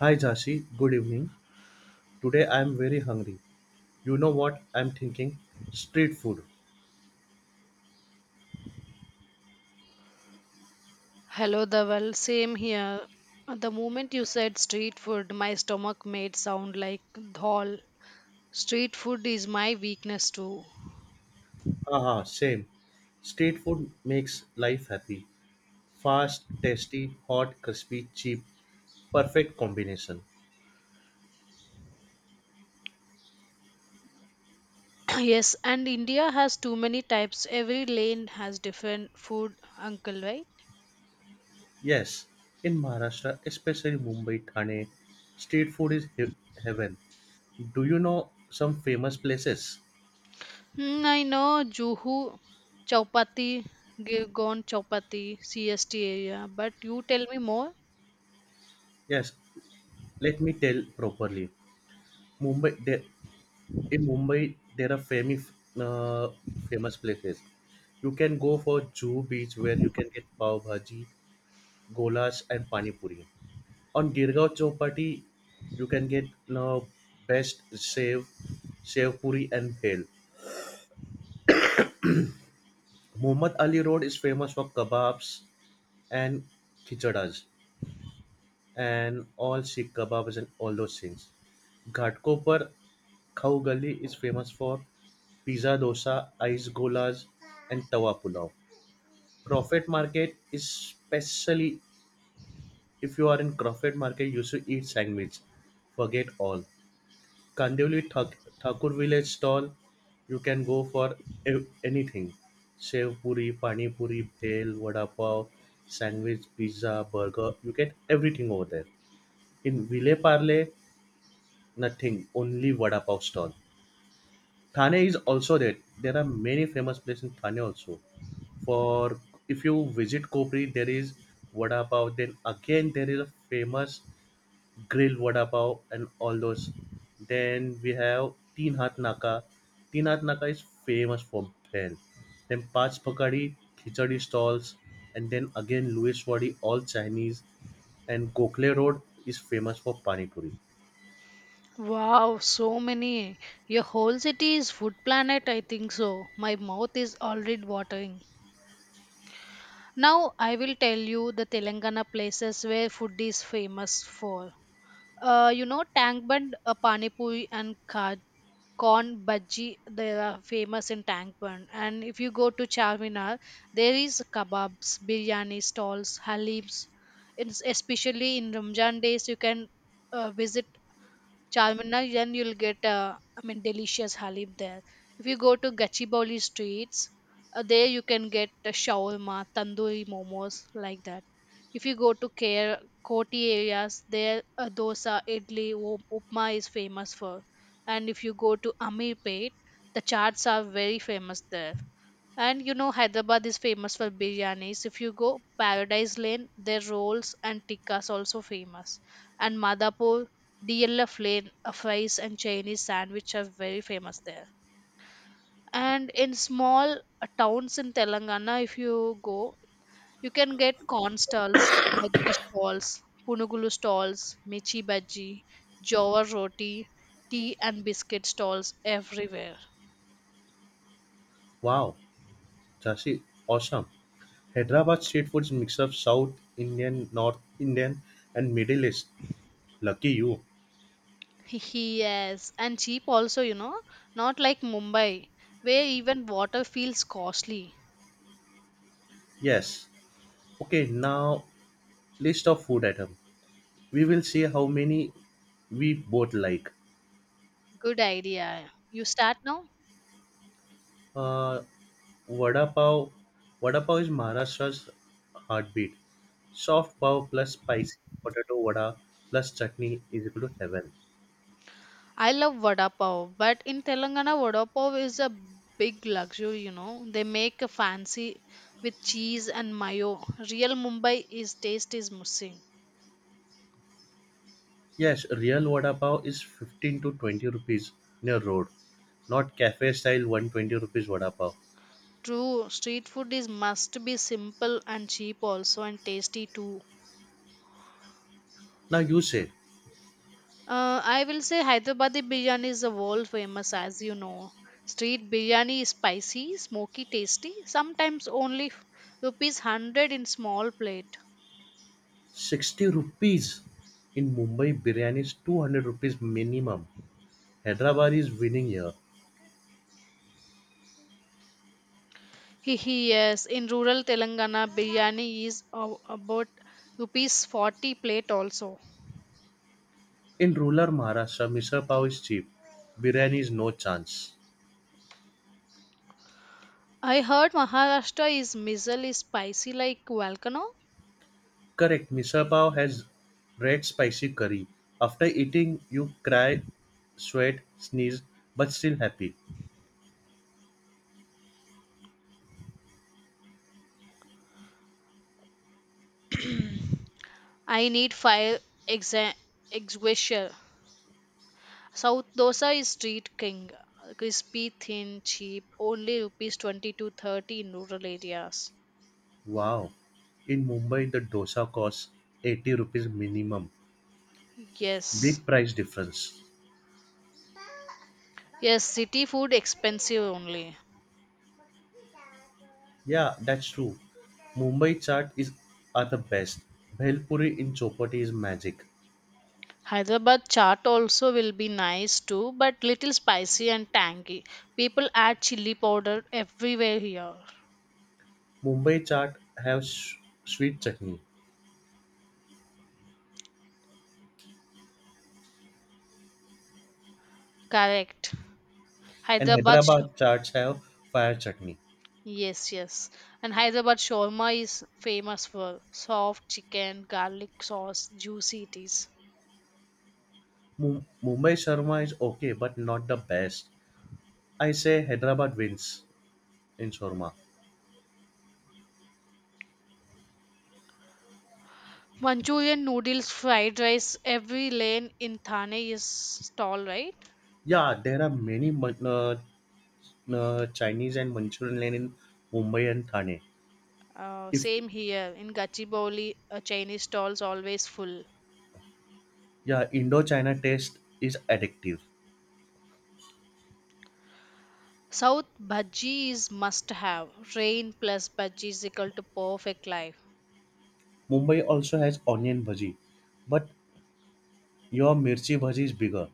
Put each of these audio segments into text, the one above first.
Hi Jashi, good evening. Today I am very hungry. You know what I'm thinking? Street food. Hello, Dhaval. Same here. The moment you said street food, my stomach made sound like dhol. Street food is my weakness too. Haha, same. Street food makes life happy. Fast, tasty, hot, crispy, cheap. Perfect combination. Yes, and India has too many types. Every lane has different food, uncle, right? Yes, in Maharashtra, especially Mumbai, Thane, street food is heaven. Do you know some famous places? Hmm, I know Juhu, Chowpatty, Girgon Chowpatty, CST area, but you tell me more. Yes, let me tell properly. Mumbai, there, in Mumbai, there are famous uh, famous places. You can go for Juhu Beach where you can get pav bhaji, golas, and pani puri. On Girgaon Chowpatty, you can get uh, best save, save puri and bhel. Muhammad Ali Road is famous for kebabs and khichadas and all Sikh kebabs and all those things. Ghatkopar Khau Gali is famous for pizza dosa, ice golas, and tawa pulao. Crawford Market, especially if you are in Crawford Market, you should eat sandwich. Forget all. Kandivali Thakur Village stall, you can go for anything. Sev puri, pani puri, bhel, vada pav, sandwich, pizza, burger. You get everything over there. In Ville Parle, nothing. Only vada pav stall. Thane is also there. There are many famous places in Thane also. For if you visit Kopri, there is vada pav. Then again, there is a famous grill vada pav and all those. Then we have Teen Hat Naka. Teen Hat Naka is famous for bread. Then Pach Pakadi, Khichdi stalls, and then again Luiswadi, all Chinese. And Gokhale Road is famous for Pani Puri. Wow, so many. Your whole city is food planet, I think so. My mouth is already watering. Now I will tell you the Telangana places where food is famous for. Tang Band, Pani Puri and corn bhaji, they are famous in Tang Band. And if you go to Charminar, there is kebabs, biryani stalls, halims. It's especially in Ramjan days, you can visit Charminar, then you'll get, delicious halim there. If you go to Gachibowli streets, there you can get the shawarma, tandoori momos, like that. If you go to Care, Koti areas, there dosa, idli, upma is famous for. And if you go to Amirpet, the chaats are very famous there. And you know, Hyderabad is famous for biryanis. If you go Paradise Lane, their rolls and tikkas also famous. And Madhapur, the yellow flame, fries, and Chinese sandwich are very famous there. And in small towns in Telangana, if you go, you can get corn stalls, bhaji stalls, punugulu stalls, michi bhaji, jawar roti, tea and biscuit stalls everywhere. Wow, Jashi, awesome. Hyderabad street food is a mix of South Indian, North Indian, and Middle East. Lucky you. Yes, and cheap also, you know, not like Mumbai, where even water feels costly. Yes. Okay, now list of food item. We will see how many we both like. Good idea. You start now? Uh, vada pav. Vada pav is Maharashtra's heartbeat. Soft pav plus spicy potato vada plus chutney is equal to heaven. I love vada pav, but in Telangana, vada pav is a big luxury, you know. They make a fancy with cheese and mayo. Real Mumbai is taste is missing. Yes, real vada pav is 15 to 20 rupees in a road, not cafe style 120 rupees vada pav. True, street food is must be simple and cheap also and tasty too. Now you say, I will say Hyderabadi biryani is the world famous as you know. Street biryani is spicy, smoky, tasty. Sometimes only rupees 100 in small plate. 60 rupees in Mumbai, biryani is 200 rupees minimum. Hyderabad is winning here. Hihi, yes, in rural Telangana, biryani is about rupees 40 plate also. In rural Maharashtra, misal pav is cheap. Biryani is no chance. I heard Maharashtra is mizzle is spicy like volcano. Correct, misal pav has red spicy curry. After eating, you cry, sweat, sneeze, but still happy. I need fire exa- exguisher. South dosa is street king, crispy, thin, cheap, only rupees 20 to 30 in rural areas. Wow. In Mumbai, the dosa costs 80 rupees minimum. Yes, Big price difference. yes, city food expensive only. Yeah, that's true. Mumbai chaat is are the best. Bhelpuri in chopati is magic. Hyderabad chaat also will be nice too, but little spicy and tangy. People add chili powder everywhere here. Mumbai chaat have sweet chutney, Correct. and Hyderabad, sh- Hyderabad chaats have fire chutney. yes, yes. And Hyderabad shawarma is famous for soft chicken, garlic sauce, juicy it is. Mumbai sharma is okay, but not the best. I say Hyderabad wins in sharma. Manchurian noodles, fried rice, every lane in Thane is stall, right? Yeah, there are many Chinese and Manchurian lane in Mumbai and Thane. If Same here in Gachibowli, Chinese stalls always full. yeah, Indo-China taste is addictive. South bhaji is must have. Rain plus bhaji is equal to perfect life. Mumbai also has onion bhaji, but your mirchi bhaji is bigger.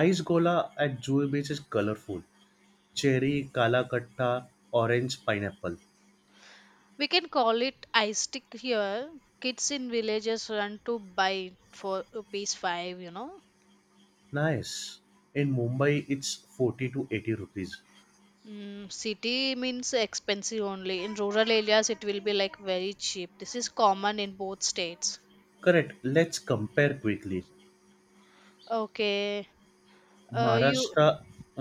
Ice gola at Juhu Beach is colorful. Cherry, kala katta, orange, pineapple. We can call it ice stick here. Kids in villages run to buy it for rupees 5, you know. Nice. In Mumbai, it's 40 to 80 rupees. Mm, city means expensive only. In rural areas, it will be like very cheap. This is common in both states. Correct. Let's compare quickly. Okay. You Maharashtra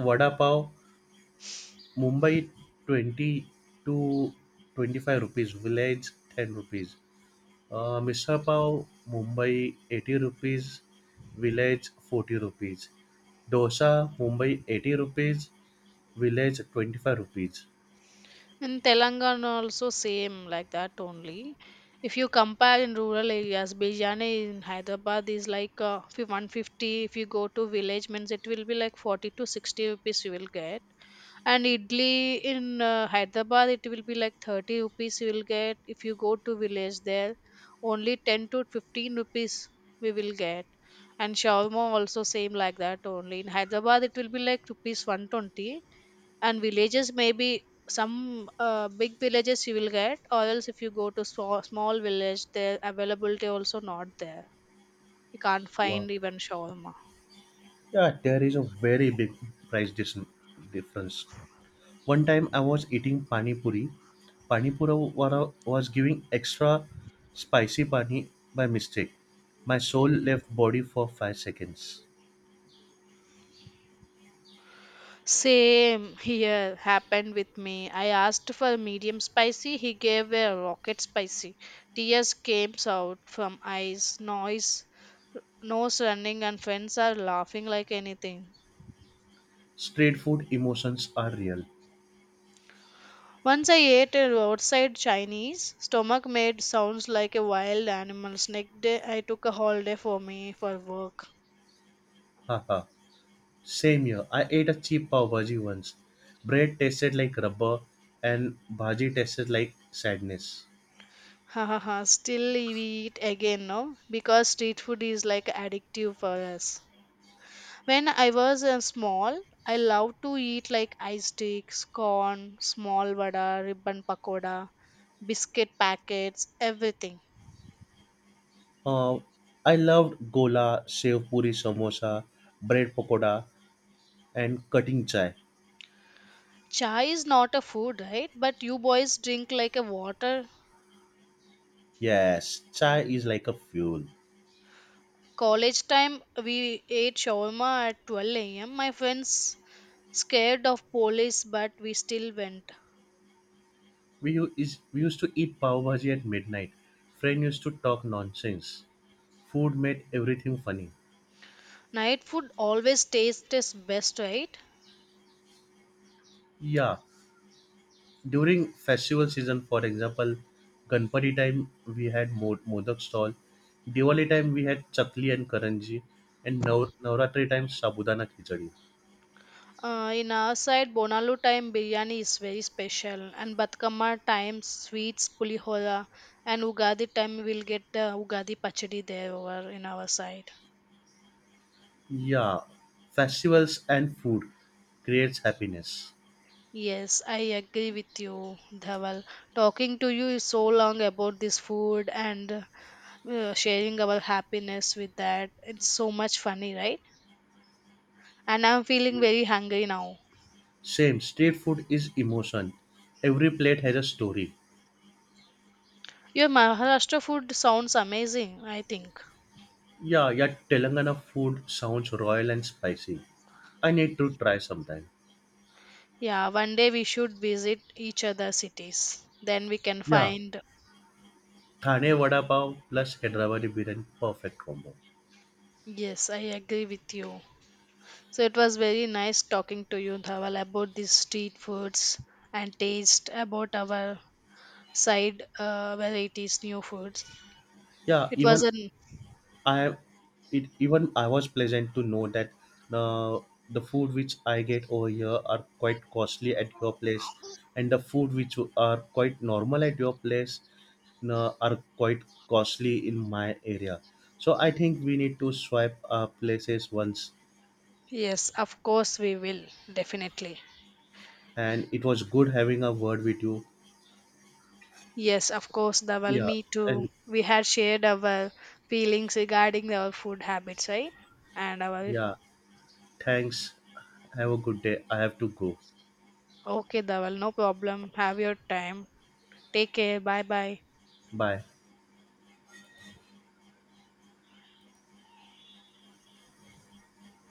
vada pav, Mumbai 20 to 25 rupees, village 10 rupees. Misal pav, Mumbai 80 rupees, village 40 rupees. Dosa, Mumbai 80 rupees, village 25 rupees. In Telangana also same like that only. If you compare in rural areas, biryani in Hyderabad is like 150. If you go to village means it will be like 40 to 60 rupees you will get. And idli in Hyderabad it will be like 30 rupees you will get. If you go to village there, only 10 to 15 rupees we will get. And shawarma also same like that only. In Hyderabad it will be like rupees 120 and villages maybe some big villages you will get or else if you go to small village their availability also not there, you can't Wow. find even shawarma. Yeah, there is a very big price dis- difference. One time I was eating pani puri. Pani puri wala was giving extra spicy pani by mistake. My soul left body for 5 seconds. Same here happened with me. I asked for medium spicy, he gave a rocket spicy, tears came out from eyes, noise nose running and friends are laughing like anything. Street food emotions are real. Once I ate a roadside Chinese, stomach made sounds like a wild animal's. Next day, I took a holiday for me for work. Haha. Same here. I ate a cheap pav bhaji once. Bread tasted like rubber and bhaji tasted like sadness. Ha ha ha. Still we eat again no? Because street food is like addictive for us. When I was small, I loved to eat like ice sticks, corn, small vada, ribbon pakoda, biscuit packets, everything. Um, I loved gola, sev puri samosa, bread pakoda, and cutting chai. Chai is not a food, right? But you boys drink like a water. Yes, chai is like a fuel. College time, we ate shawarma at 12 am. My friends scared of police, but we still went. We used to eat pav bhaji at midnight. Friend used to talk nonsense. Food made everything funny. Night food always tastes best, right? Yeah, during festival season, for example, Ganpati time we had modak stall. Diwali time we had chakli and karanji, and Navratri time sabudana khichdi. In our side, Bonalu time biryani is very special, and Batkama time sweets, pulihora, and Ugadi time we'll get the Ugadi pachadi there over in our side. Yeah, festivals and food creates happiness. Yes, I agree with you, Dhaval. Talking to you is so long about this food and sharing our happiness with that. It's so much funny, right? And I'm feeling very hungry now. Same, street food is emotion. Every plate has a story. Your Maharashtra food sounds amazing, I think. Yeah, yeah, Telangana food sounds royal and spicy. I need to try sometime. Yeah, one day we should visit each other cities. Then we can Yeah, find. Thane vada pav plus Hyderabadi biryani, perfect combo. Yes, I agree with you. So it was very nice talking to you, Dhaval, about these street foods and taste about our side varieties, new foods. Yeah, It was even an I even I was pleasant to know that the the food which I get over here are quite costly at your place, and the food which are quite normal at your place are quite costly in my area. So I think we need to swipe our places once. yes, of course we will definitely. And it was good having a word with you. Yes, of course, the well, Yeah, me too. and We had shared our feelings regarding our food habits, right? And our yeah, thanks. Have a good day. I have to go. okay, Dawal, no problem. Have your time. Take care. Bye bye. Bye.